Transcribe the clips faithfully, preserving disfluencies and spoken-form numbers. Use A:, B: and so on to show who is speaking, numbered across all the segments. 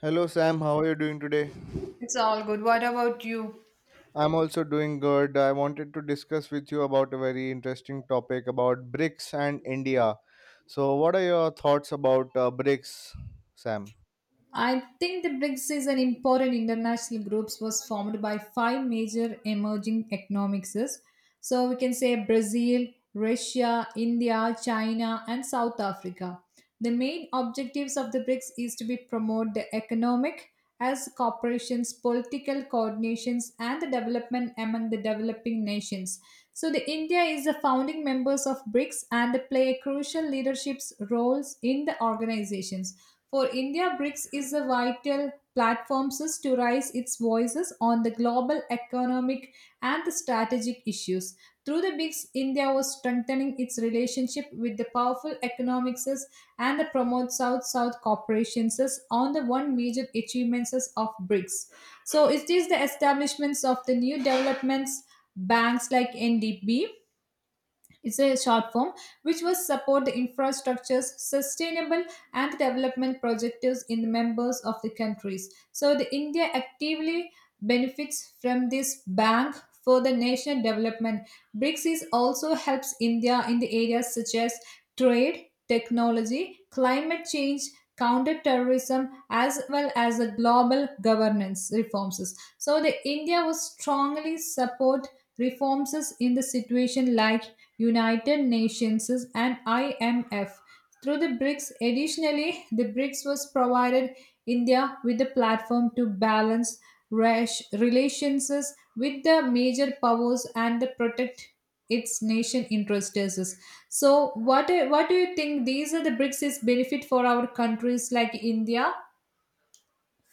A: Hello Sam, how are you doing today?
B: It's all good. What about you?
A: I'm also doing good. I wanted to discuss with you about a very interesting topic about BRICS and India. So, what are your thoughts about uh, BRICS, Sam?
B: I think the BRICS is an important international group was formed by five major emerging economics. So we can say Brazil, Russia, India, China, and South Africa. The main objectives of the BRICS is to be promote the economic as corporations, political coordinations, and the development among the developing nations. So the India is the founding members of BRICS and play a crucial leadership's roles in the organizations. For India, BRICS is a vital platform to raise its voices on the global economic and the strategic issues. Through the BRICS, India was strengthening its relationship with the powerful economics and the promote South-South cooperations on the one major achievements of BRICS. So it is the establishments of the new developments banks like N D B, it's a short form, which was support the infrastructures, sustainable and development projectives in the members of the countries. So the India actively benefits from this bank for the national development. BRICS is also helps India in the areas such as trade, technology, climate change, counter-terrorism as well as the global governance reforms. So the India was strongly support reforms in the situation like United Nations and I M F. Through the BRICS, additionally, the BRICS was provided India with a platform to balance rash- relations with the major powers and the protect its nation interests. So, what do- what do you think? These are the BRICS benefit for our countries like India.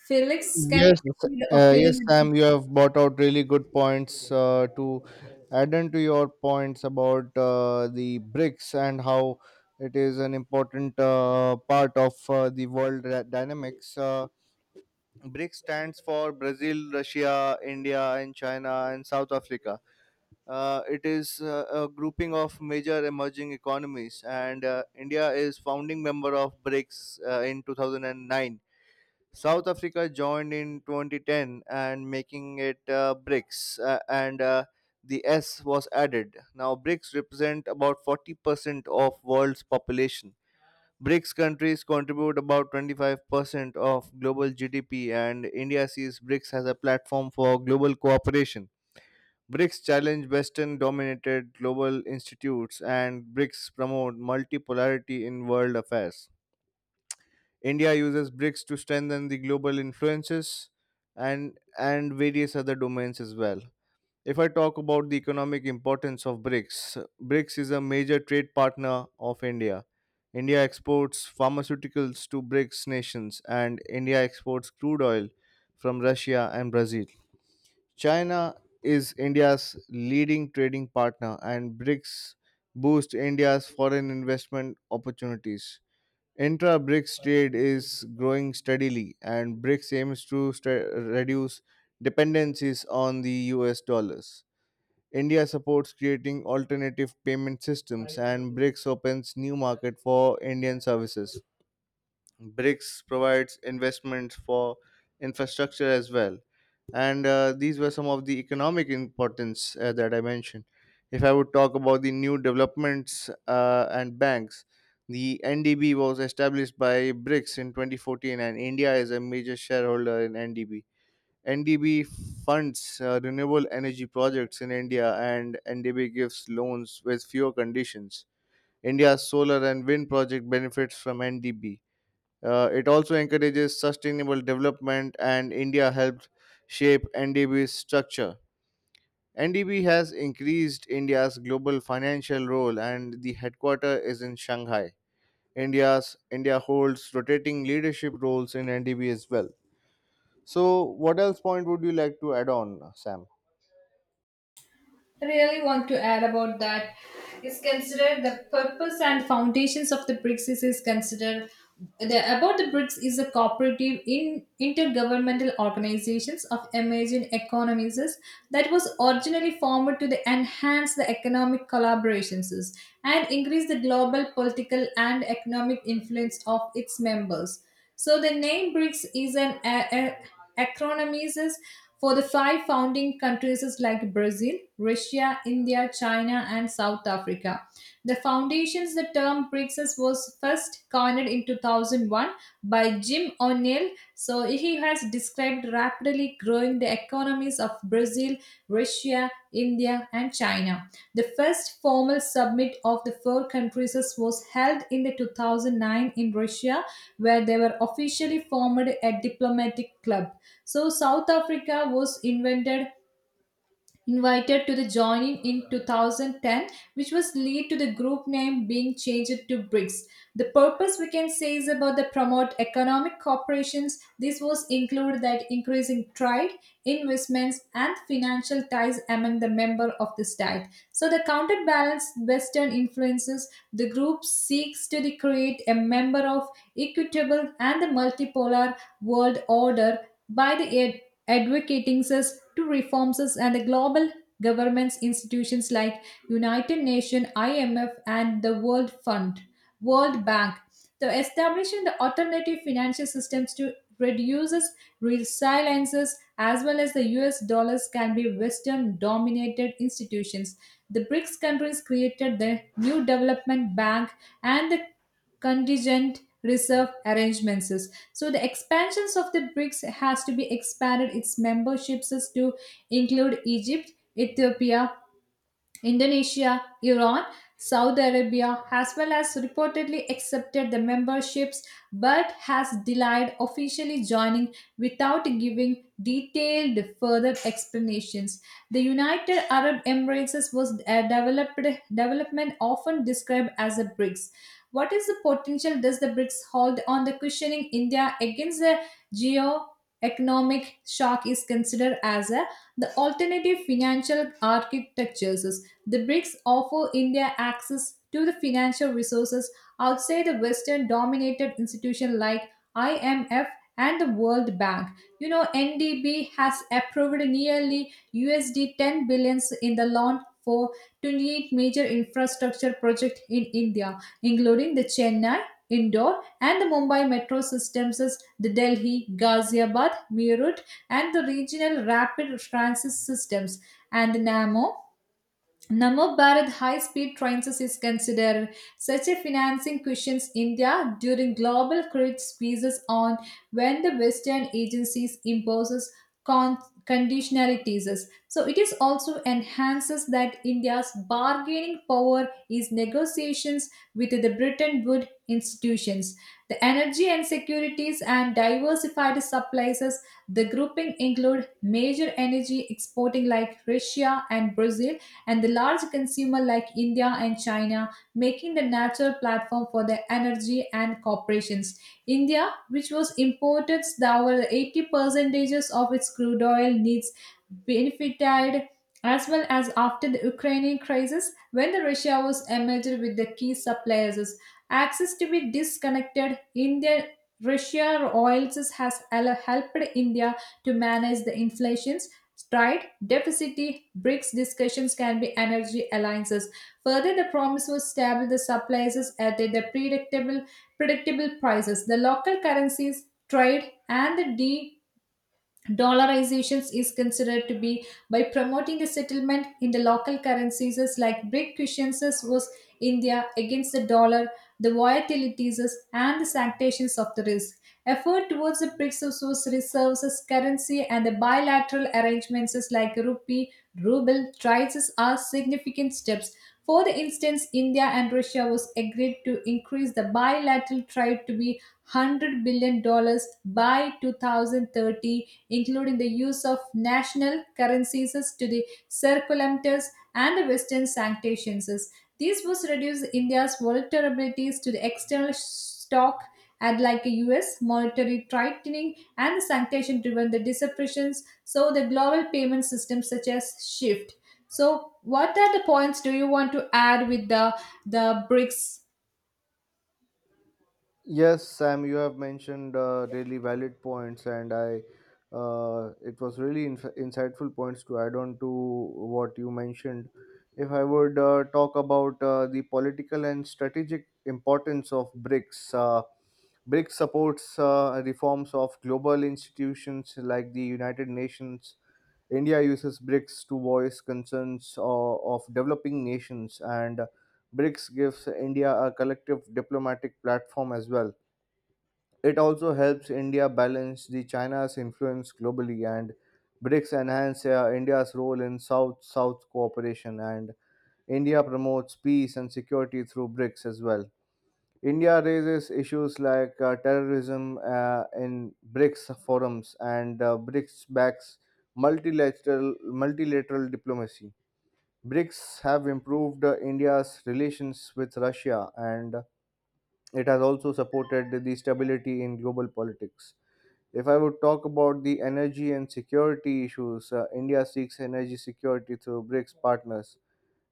B: Felix, can you
A: Yes,
B: tell me the
A: uh, yes,
B: opinion?
A: Sam, you have brought out really good points uh, to add on to your points about uh, the BRICS and how it is an important uh, part of uh, the world ra- dynamics. Uh, BRICS stands for Brazil, Russia, India, and China, and South Africa. Uh, it is uh, a grouping of major emerging economies, and uh, India is founding member of BRICS uh, in two thousand nine. South Africa joined in twenty ten and making it uh, BRICS, uh, and uh, the S was added. Now, BRICS represent about forty percent of world's population. BRICS countries contribute about twenty-five percent of global G D P, and India sees BRICS as a platform for global cooperation. BRICS challenge Western dominated global institutes, and BRICS promote multipolarity in world affairs. India uses BRICS to strengthen the global influences and, and various other domains as well. If I talk about the economic importance of BRICS, BRICS is a major trade partner of India. India exports pharmaceuticals to BRICS nations, and India exports crude oil from Russia and Brazil. China is India's leading trading partner, and BRICS boost India's foreign investment opportunities. Intra BRICS trade is growing steadily, and BRICS aims to st- reduce dependencies on the U S dollars. India supports creating alternative payment systems, and BRICS opens new market for Indian services. BRICS provides investments for infrastructure as well. And uh, these were some of the economic importance uh, that I mentioned. If I would talk about the new developments uh, and banks, the N D B was established by BRICS in twenty fourteen, and India is a major shareholder in N D B. N D B funds uh, renewable energy projects in India, and N D B gives loans with fewer conditions. India's solar and wind project benefits from N D B. Uh, it also encourages sustainable development, and India helped shape N D B's structure. N D B has increased India's global financial role, and the headquarter is in Shanghai. India's India holds rotating leadership roles in N D B as well. So, what else point would you like to add on, Sam?
B: I really want to add about that is considered the purpose and foundations of the BRICS is, is considered the about the BRICS is a cooperative in intergovernmental organizations of emerging economies that was originally formed to the enhance the economic collaborations and increase the global political and economic influence of its members. So the name BRICS is an a, acronyms is for the five founding countries is like Brazil, Russia, India, China, and South Africa. The foundations, the term BRICS was first coined in two thousand one by Jim O'Neill. So he has described rapidly growing the economies of Brazil, Russia, India, and China. The first formal summit of the four countries was held in the two thousand nine in Russia, where they were officially formed a diplomatic club. So South Africa was invented invited to the joining in two thousand ten, which was lead to the group name being changed to BRICS. The purpose we can say is about the promote economic cooperations. This was included that increasing trade, investments and financial ties among the member of the state. So the counterbalance Western influences, the group seeks to the create a member of equitable and the multipolar world order by the aid advocating us to reforms us and the global governments institutions like United Nations, I M F and the World Fund, World Bank. The establishing the alternative financial systems to reduces resiliences as well as the U S dollars can be Western dominated institutions. The BRICS countries created the new development bank and the contingent reserve arrangements. So the expansions of the BRICS has to be expanded its memberships to include Egypt, Ethiopia, Indonesia, Iran, Saudi Arabia, as well as reportedly accepted the memberships but has denied officially joining without giving detailed further explanations. The United Arab Emirates was a developed development often described as a BRICS. What is the potential does the BRICS hold on the cushioning India against the geo-economic shock is considered as a the alternative financial architectures, the BRICS offer India access to the financial resources outside the Western dominated institutions like I M F and the World Bank. You know, N D B has approved nearly U S D ten billion in the loan for twenty-eight major infrastructure projects in India, including the Chennai, Indore, and the Mumbai metro systems, the Delhi, Ghaziabad, Meerut, and the regional rapid transit systems, and the NAMO. Namo Bharat high speed trains is considered such a financing cushions India during global credit squeezes on when the Western agencies imposes con- conditionalities. So it is also enhances that India's bargaining power is negotiations with the Bretton Woods institutions. The energy and securities and diversified supplies, the grouping include major energy exporting like Russia and Brazil and the large consumer like India and China, making the natural platform for the energy and corporations. India, which was imported over eighty percentages of its crude oil needs, benefited as well as after the Ukrainian crisis when the Russia was emerged with the key suppliers. Access to be disconnected, Indian Russia oils has al- helped India to manage the inflations. Right? Deficit BRICS discussions can be energy alliances. Further, the promise was stable the supplies at the predictable predictable prices. The local currencies, trade, and the Dollarizations is considered to be by promoting the settlement in the local currencies as like Big Christians was India against the dollar, the volatilities as- and the sanctions of the risk. Effort towards the BRICS as was reserves as currency and the bilateral arrangements as like rupee, ruble, trices are significant steps. For the instance, India and Russia was agreed to increase the bilateral trade to be one hundred billion dollars by two thousand thirty, including the use of national currencies to the circulantes and the Western sanctions. This was reduced India's vulnerabilities to the external stock and like a U S monetary tightening and the sanction driven the disruptions. So the global payment system such as shift. So what are the points do you want to add with the the BRICS?
A: Yes, Sam, you have mentioned uh, really valid points, and I uh, it was really inf insightful points to add on to what you mentioned. If I would uh, talk about uh, the political and strategic importance of BRICS, uh, BRICS supports uh, reforms of global institutions like the United Nations. India uses BRICS to voice concerns uh, of developing nations, and BRICS gives India a collective diplomatic platform as well. It also helps India balance the China's influence globally, and BRICS enhance uh, India's role in South-South cooperation, and India promotes peace and security through BRICS as well. India raises issues like uh, terrorism uh, in BRICS forums, and uh, BRICS backs multilateral multilateral diplomacy. BRICS have improved uh, India's relations with Russia, and it has also supported the stability in global politics. If I would talk about the energy and security issues, uh, India seeks energy security through BRICS partners,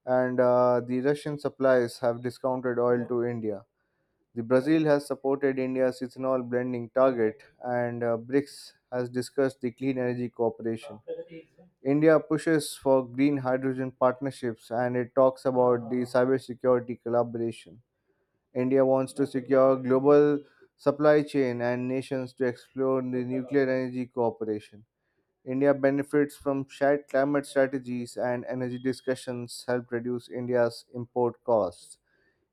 A: and uh, the Russian suppliers have discounted oil to India. The Brazil has supported India's ethanol blending target, and uh, BRICS has discussed the clean energy cooperation. India pushes for green hydrogen partnerships, and it talks about the cybersecurity collaboration. India wants to secure global supply chain and nations to explore the nuclear energy cooperation. India benefits from shared climate strategies, and energy discussions help reduce India's import costs.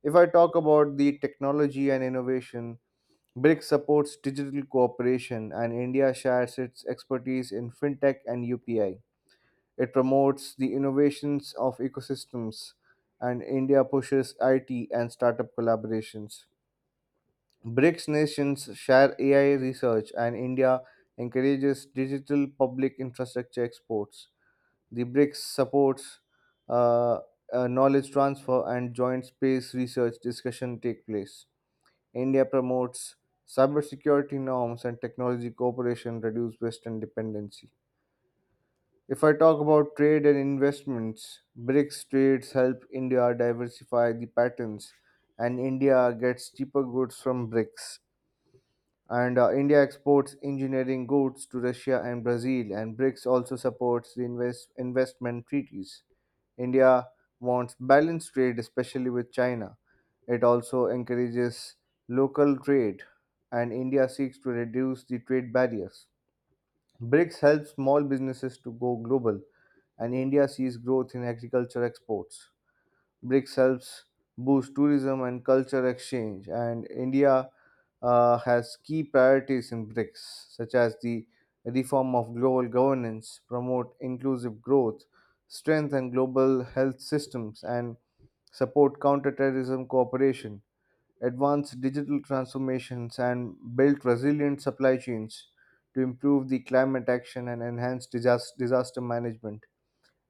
A: If I talk about the technology and innovation, BRICS supports digital cooperation, and India shares its expertise in fintech and U P I. It promotes the innovations of ecosystems, and India pushes I T and startup collaborations. BRICS nations share A I research, and India encourages digital public infrastructure exports. The BRICS supports uh, uh, knowledge transfer, and joint space research discussion take place. India promotes cybersecurity norms, and technology cooperation reduce Western dependency. If I talk about trade and investments, BRICS trades help India diversify the patents, and India gets cheaper goods from BRICS, and uh, India exports engineering goods to Russia and Brazil, and BRICS also supports the invest- investment treaties. India wants balanced trade, especially with China. It also encourages local trade, and India seeks to reduce the trade barriers. BRICS helps small businesses to go global, and India sees growth in agriculture exports. BRICS helps boost tourism and culture exchange, and India uh, has key priorities in BRICS, such as the reform of global governance, promote inclusive growth, strengthen global health systems, and support counterterrorism cooperation, advance digital transformations, and build resilient supply chains to improve the climate action and enhance disaster, disaster management.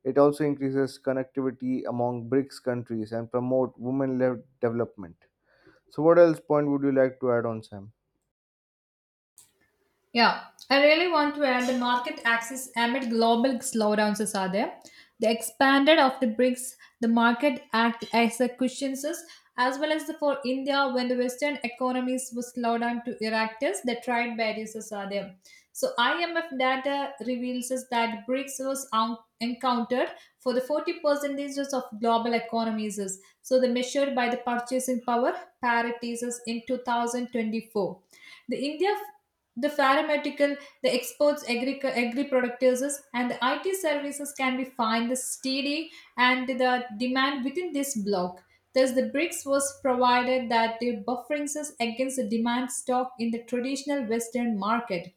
A: It also increases connectivity among BRICS countries and promote women-led development. So, what else point would you like to add on, Sam?
B: Yeah, I really want to add the market access amid global slowdowns is are there. The expanded of the BRICS, the market act as a cushion is, as well as the, for India when the Western economies were slowed down to Iraqis, the trade barriers is are there. So I M F data reveals us that BRICS was un- encountered for the forty percentages of global economies. Is. So the measured by the purchasing power parities is in two thousand twenty-four. The India, the pharmaceutical, the exports, agri, agri-producers, and the I T services can be find the steady and the demand within this block. Thus, the BRICS was provided that the bufferings us against the demand stock in the traditional Western market.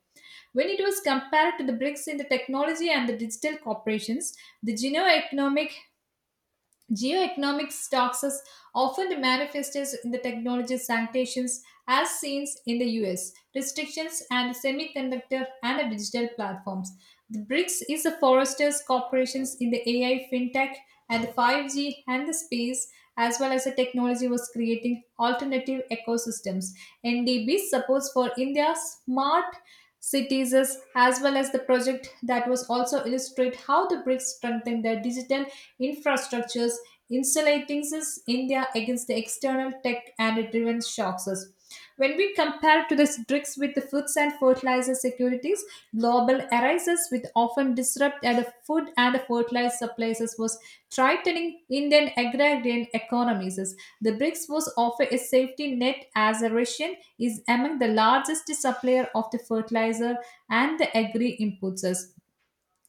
B: When it was compared to the BRICS in the technology and the digital corporations, the Geno economic Geoeconomics talks is often manifested in the technology sanctions as seen in the U S, restrictions and semiconductor and digital platforms. The BRICS is the foresters corporations in the A I, fintech, and the five G and the space, as well as the technology was creating alternative ecosystems. N D B supports for India's smart cities is- as well as the project that was also illustrate how the BRICS strengthen their digital infrastructures insulating us India against the external tech and it prevents shocks us. When we compare to the BRICS with the foods and fertilizer securities, global arises with often disrupt at the food and the fertilizer supplies was threatening Indian agrarian economies. The BRICS was offer a safety net as a Russian is among the largest supplier of the fertilizer and the agri inputs.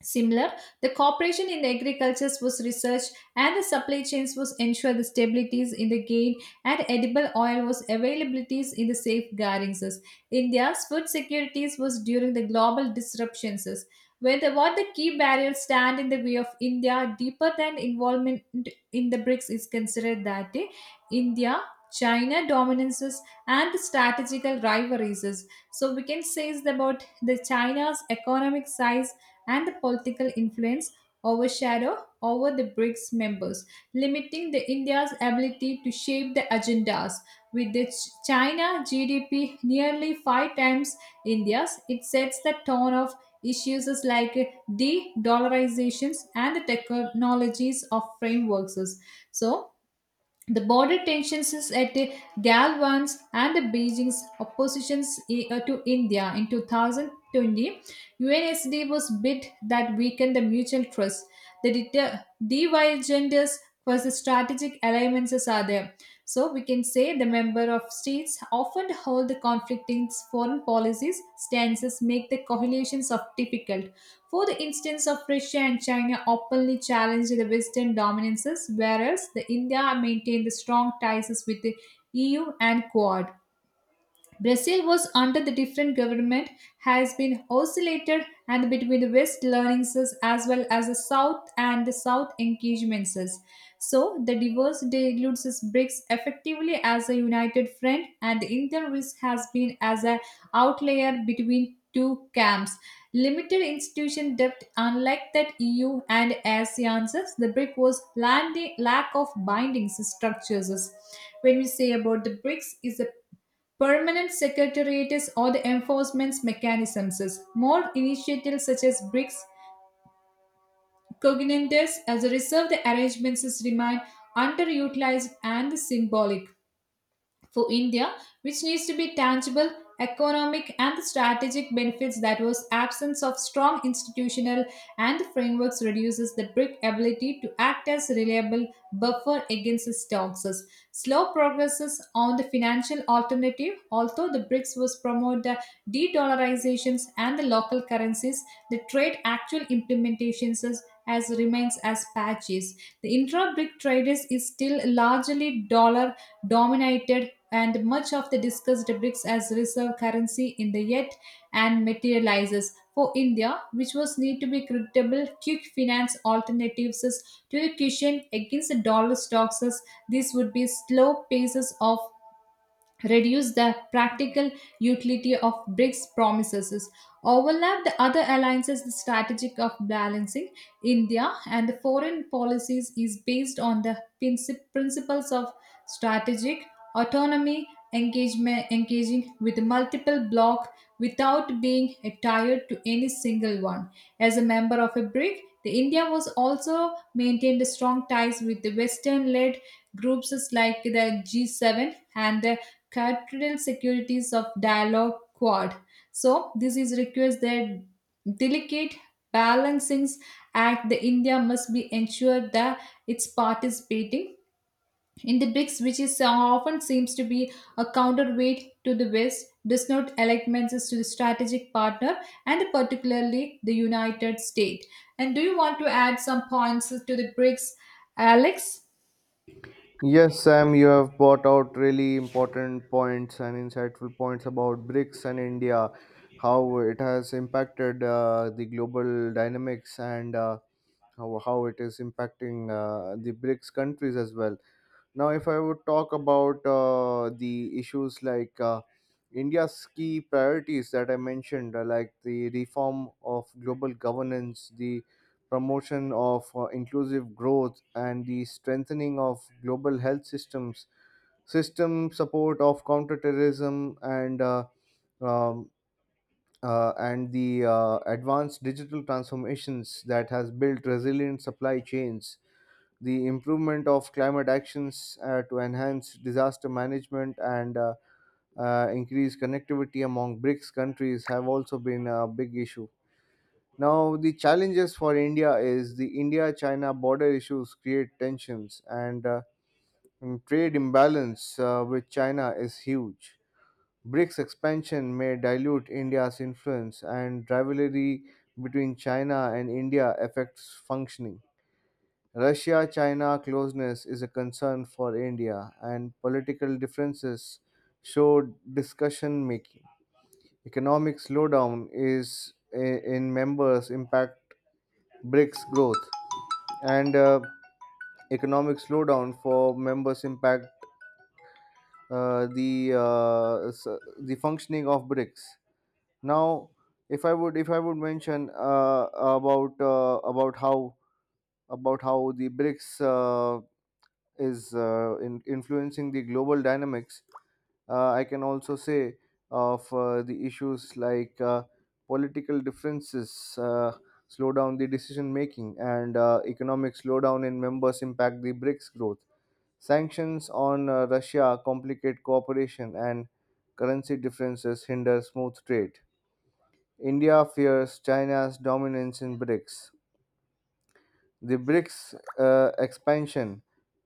B: Similar, the cooperation in the agricultures was researched and the supply chains was ensured the stabilities in the gain and edible oil was availabilities in the safeguardings. India's food securities was during the global disruptions. Where the, what the key barriers stand in the way of India deeper than involvement in the BRICS is considered that eh, India, China dominances and the strategical rivalries. So we can say is about the China's economic size and the political influence overshadow over the BRICS members, limiting the India's ability to shape the agendas. With the Ch- China G D P nearly five times India's, it sets the tone of issues as like de-dollarizations and the technologies of frameworks. So the border tensions is at the Galwan's and the Beijing's oppositions i- uh, to India in two thousand twenty, U N S D was bid that weakened the mutual trust. The deter- divergences for the strategic alliances are there. So we can say the member of states often hold the conflicting foreign policies stances make the coalitions of difficult. For the instance of Russia and China openly challenged the Western dominances, whereas the India maintained the strong ties with the E U and Quad. Brazil was under the different government has been oscillated and between the West learnings as well as the South and the South engagements. So the diverse dilutes its BRICS effectively as a united front and the Indian risk has been as an outlier between two camps. Limited institution depth unlike that E U and ASEAN's, the BRIC was landing lack of binding structures when we say about the BRICS is a Permanent secretariats or the enforcement mechanisms. More initiatives such as BRICS cognizance as a reserved arrangements remain underutilized and symbolic for India, which needs to be tangible, economic, and the strategic benefits that was absence of strong institutional and frameworks reduces the BRIC ability to act as reliable buffer against its toxins. Slow progresses on the financial alternative, although the BRICS was promote the de-dollarizations and the local currencies, the trade actual implementations is- as remains as patches. The intra-BRIC trade is is still largely dollar dominated, and much of the discussed bricks as reserve currency in the yet and materializes for India, which was need to be creditable quick finance alternatives to a cushion against the dollar stocks. This would be slow paces of reduce the practical utility of BRICS promises, overlap the other alliances, the strategic of balancing India and the foreign policies is based on the princi- principles of strategic autonomy, engagement, engaging with multiple bloc without being tied to any single one. As a member of a BRIC, the India was also maintained strong ties with the Western-led groups like the G seven and the cultural securities of dialogue quad. So this is requires that delicate balancings act the India must be ensured that it's participating in the BRICS, which is uh, often seems to be a counterweight to the West, does not alignments to the strategic partner and particularly the United States. And do you want to add some points to the BRICS, Alex?
A: Yes, Sam, you have brought out really important points and insightful points about BRICS and India, how it has impacted uh, the global dynamics, and uh, how, how it is impacting uh, the BRICS countries as well. Now, if I would talk about uh, the issues like uh, India's key priorities that I mentioned, uh, like the reform of global governance, the promotion of uh, inclusive growth, and the strengthening of global health systems, system support of counterterrorism, and uh, um, uh, and the uh, advanced digital transformations that has built resilient supply chains, the improvement of climate actions uh, to enhance disaster management, and uh, uh, increase connectivity among BRICS countries have also been a big issue. Now, the challenges for India is the India-China border issues create tensions, and uh, and trade imbalance uh, with China is huge. BRICS expansion may dilute India's influence, and rivalry between China and India affects functioning. Russia China closeness is a concern for India, and political differences show discussion making. Economic slowdown is i- in members impact BRICS growth, and uh, economic slowdown for members impact uh, the uh, s- the functioning of BRICS. Now, if I would if I would mention uh, about uh, about how about how the BRICS uh, is uh, in influencing the global dynamics. Uh, I can also say of uh, the issues like uh, political differences uh, slow down the decision making, and uh, economic slowdown in members impact the BRICS growth. Sanctions on uh, Russia complicate cooperation, and currency differences hinder smooth trade. India fears China's dominance in BRICS. The BRICS uh, expansion,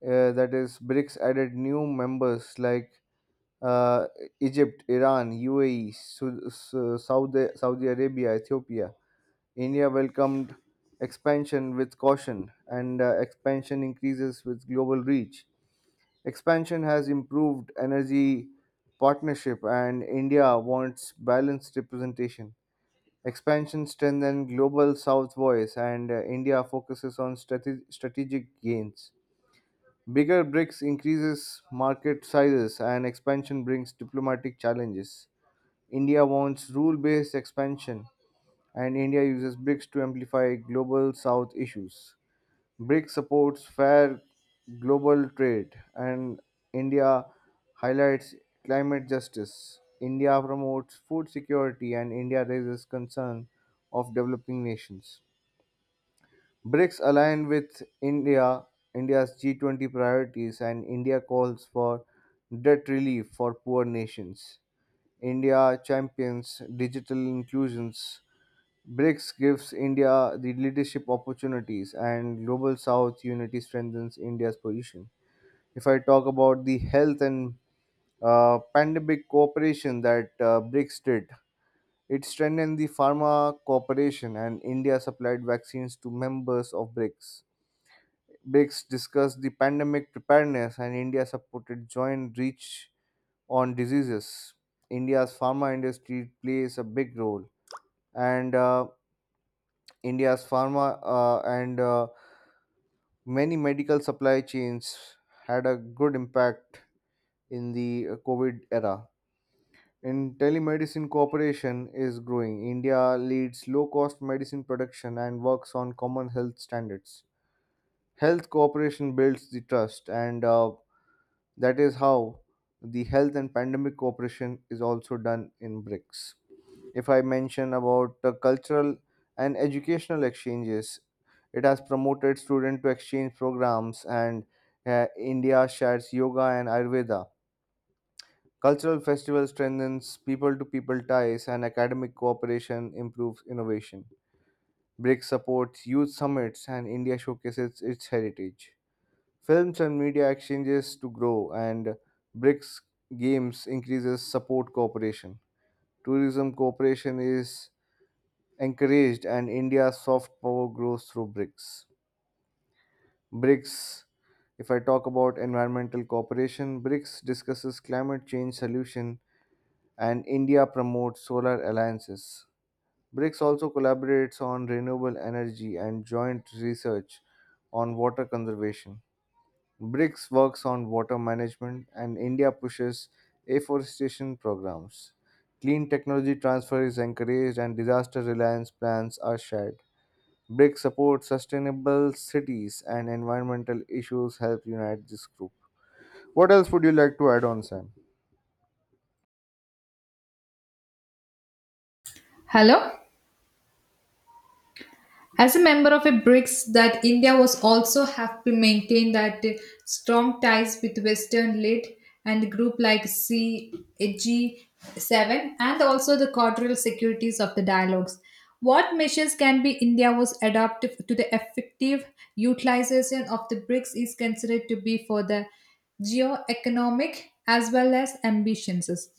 A: uh, that is, BRICS added new members like uh, Egypt, Iran, U A E, Su- Su- Saudi, Saudi Arabia, Ethiopia. India welcomed expansion with caution, and uh, expansion increases with global reach. Expansion has improved energy partnership, and India wants balanced representation. Expansion strengthens Global South voice, and uh, India focuses on strate- strategic gains. Bigger BRICS increases market sizes, and expansion brings diplomatic challenges. India wants rule based expansion, and India uses BRICS to amplify Global South issues. BRIC supports fair global trade, and India highlights climate justice. India promotes food security, and India raises concern of developing nations. BRICS align with India, India's G twenty priorities, and India calls for debt relief for poor nations. India champions digital inclusions. BRICS gives India the leadership opportunities, and Global South unity strengthens India's position. If I talk about the health and uh, pandemic cooperation that uh, BRICS did, it strengthened the pharma cooperation, and India supplied vaccines to members of BRICS. BRICS discussed the pandemic preparedness, and India supported joint reach on diseases. India's pharma industry plays a big role, and uh, India's pharma uh, and uh, many medical supply chains had a good impact in the uh, COVID era. In telemedicine cooperation is growing. India leads low cost medicine production and works on common health standards. Health cooperation builds the trust, and uh, that is how the health and pandemic cooperation is also done in BRICS. If I mention about the cultural and educational exchanges, it has promoted student to exchange programs, and uh, India shares yoga and ayurveda. Cultural festival strengthens people to people ties, and academic cooperation improves innovation. BRICS supports youth summits, and India showcases its heritage. Films and media exchanges to grow, and BRICS games increases support cooperation. Tourism cooperation is encouraged, and India's soft power grows through BRICS. BRICS, if I talk about environmental cooperation, BRICS discusses climate change solution, and India promotes solar alliances. BRICS also collaborates on renewable energy and joint research on water conservation. BRICS works on water management, and India pushes afforestation programs. Clean technology transfer is encouraged, and disaster reliance plans are shared. BRICS support sustainable cities, and environmental issues help unite this group. What else would you like to add on, Sam?
B: Hello. As a member of a BRICS, that India was also have to maintain that uh, strong ties with Western led and group like C G seven and also the quadrilateral securities of the dialogues. What measures can be India was adopted to the effective utilization of the BRICS is considered to be for the geo-economic as well as ambitions.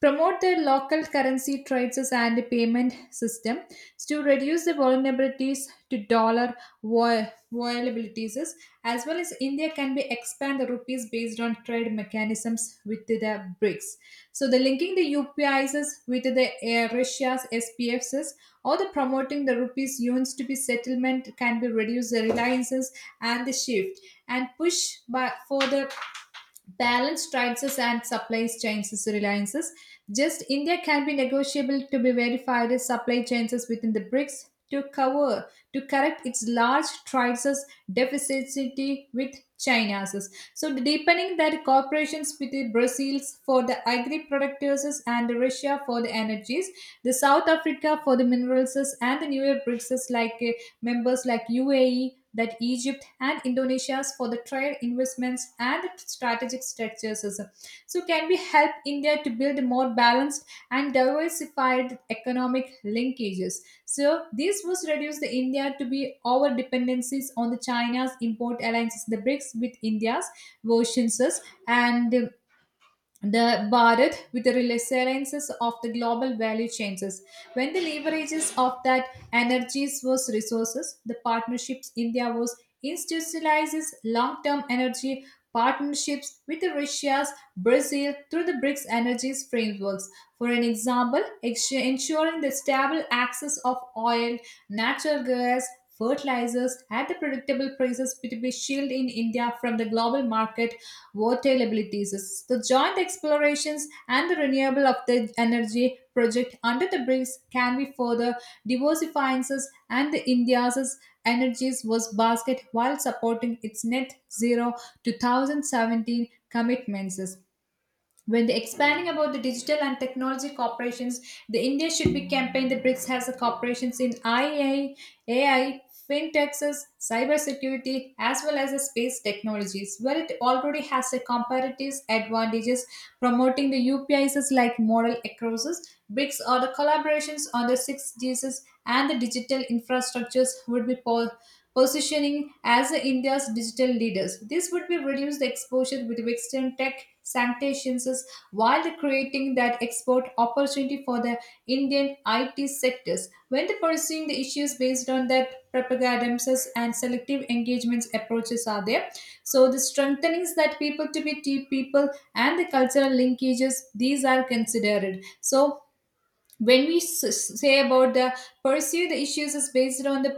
B: Promote their local currency trades and payment system to reduce the vulnerabilities to dollar vol- vulnerabilities, as well as India can be expand the rupees based on trade mechanisms with the BRICS. So the linking the U P Is with the uh, Russia's S P Fs or the promoting the rupees units to be settlement can be reduce the reliances and the shift and push by for the balance prices and supply chains reliances. Just India can be negotiable to be verified as supply chains within the BRICS to cover to correct its large prices deficit with China's. So deepening that cooperations with the Brazils for the agri producers and Russia for the energies, the South Africa for the minerals and the newer BRICS like uh, members like U A E, that Egypt and Indonesia's for the trade investments and strategic structures. So can we help India to build more balanced and diversified economic linkages? So this was reduce the India to be over dependencies on the China's import alliances, the BRICS with India's versions and the Bharat with the resiliences of the global value changes. When the leverages of that energies was resources, the partnerships India was institutionalizes long-term energy partnerships with the Russia's Brazil through the BRICS energies frameworks. For an example, ex- ensuring the stable access of oil, natural gas, fertilizers at the predictable prices to be shielded in India from the global market volatilities. The joint explorations and the renewable of the energy project under the BRICS can be further diversifying us and the India's energies was basket while supporting its net zero two thousand seventeen commitments. When the expanding about the digital and technology corporations, the India should be campaign the BRICS has the corporations in I A, A I, fintechs, cybersecurity, as well as the space technologies, where it already has a comparative advantages. Promoting the U P Is like model across BRICS or the collaborations on the six Gs and the digital infrastructures would be positioning as India's digital leaders. This would be reduce the exposure with Western tech sanctions while creating that export opportunity for the Indian I T sectors. When the pursuing the issues based on that propagandas and selective engagements approaches are there. So the strengthenings that people to be tea people and the cultural linkages, these are considered. So when we s- say about the pursue the issues is based on the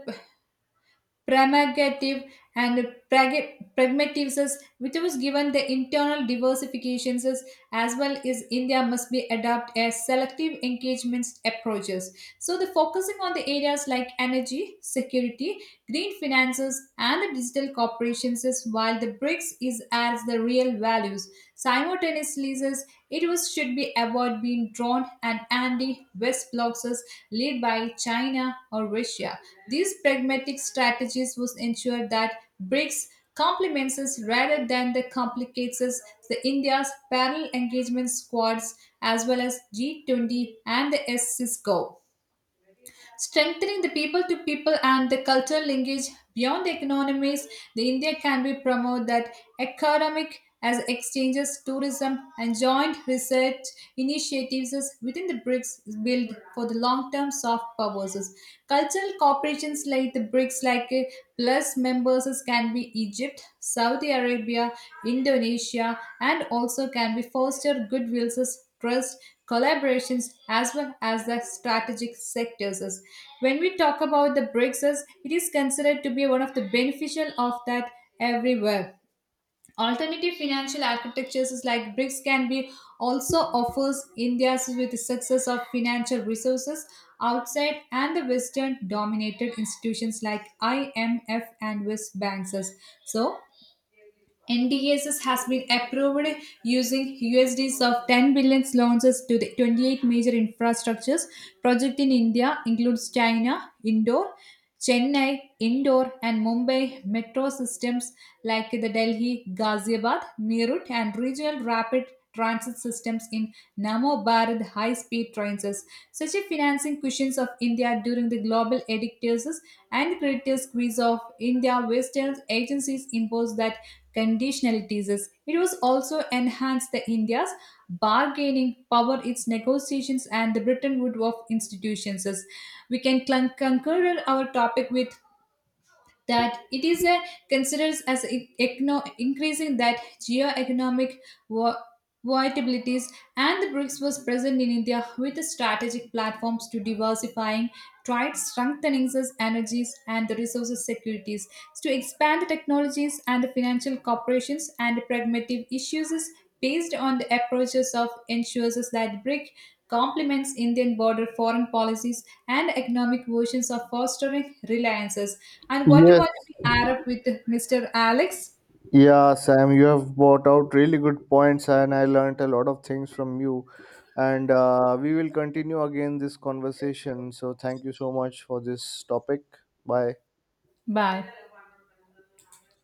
B: pragmative and prag- pragmatists, which was given the internal diversifications as well as India must be adopt a selective engagements approaches. So the focusing on the areas like energy, security, green finances, and the digital corporations, is while the BRICS is as the real values. Simultaneously, says, it was should be avoid being drawn and anti-West blocs is led by China or Russia. These pragmatic strategies was ensure that BRICS complements us rather than the complicates us the India's parallel engagement squads as well as G twenty and the SCISCO. Strengthening the people to people and the cultural linkage beyond the economies, the India can be promote that economic as exchanges, tourism, and joint research initiatives within the BRICS build for the long-term soft purposes. Cultural corporations like the BRICS, like uh, plus members can be Egypt, Saudi Arabia, Indonesia, and also can be foster goodwills trust, collaborations, as well as the strategic sectors. As when we talk about the BRICS, as it is considered to be one of the beneficial of that everywhere. Alternative financial architectures is like BRICS can be also offers India's with the success of financial resources outside and the Western dominated institutions like I M F and West banks. So N D As has been approved using U S Ds of ten billion launches to the twenty-eight major infrastructures project in India includes China, Indore, Chennai, Indore, and Mumbai metro systems like the Delhi, Ghaziabad, Meerut, and regional rapid transit systems in Namo Bharat high speed trains. Such a financing cushions of India during the global edictures and credit squeeze of India, Western agencies imposed that conditionalities. It was also enhanced the India's bargaining power, its negotiations, and the Britain Wood of institutions we can clun- conclude our topic with that it is a considers as e- ecno- increasing that geo-economic vo- volatilities and the BRICS was present in India with the strategic platforms to diversifying trade, strengthening its energies and the resources securities to expand the technologies and the financial corporations and pragmatic issues is based on the approaches of ensures us that BRIC complements Indian border foreign policies and economic versions of fostering reliances. And what you
A: Yes.
B: want to be add up with Mister Alex?
A: Yeah, Sam, you have brought out really good points, and I learned a lot of things from you. And uh, we will continue again this conversation. So, thank you so much for this topic. Bye.
B: Bye.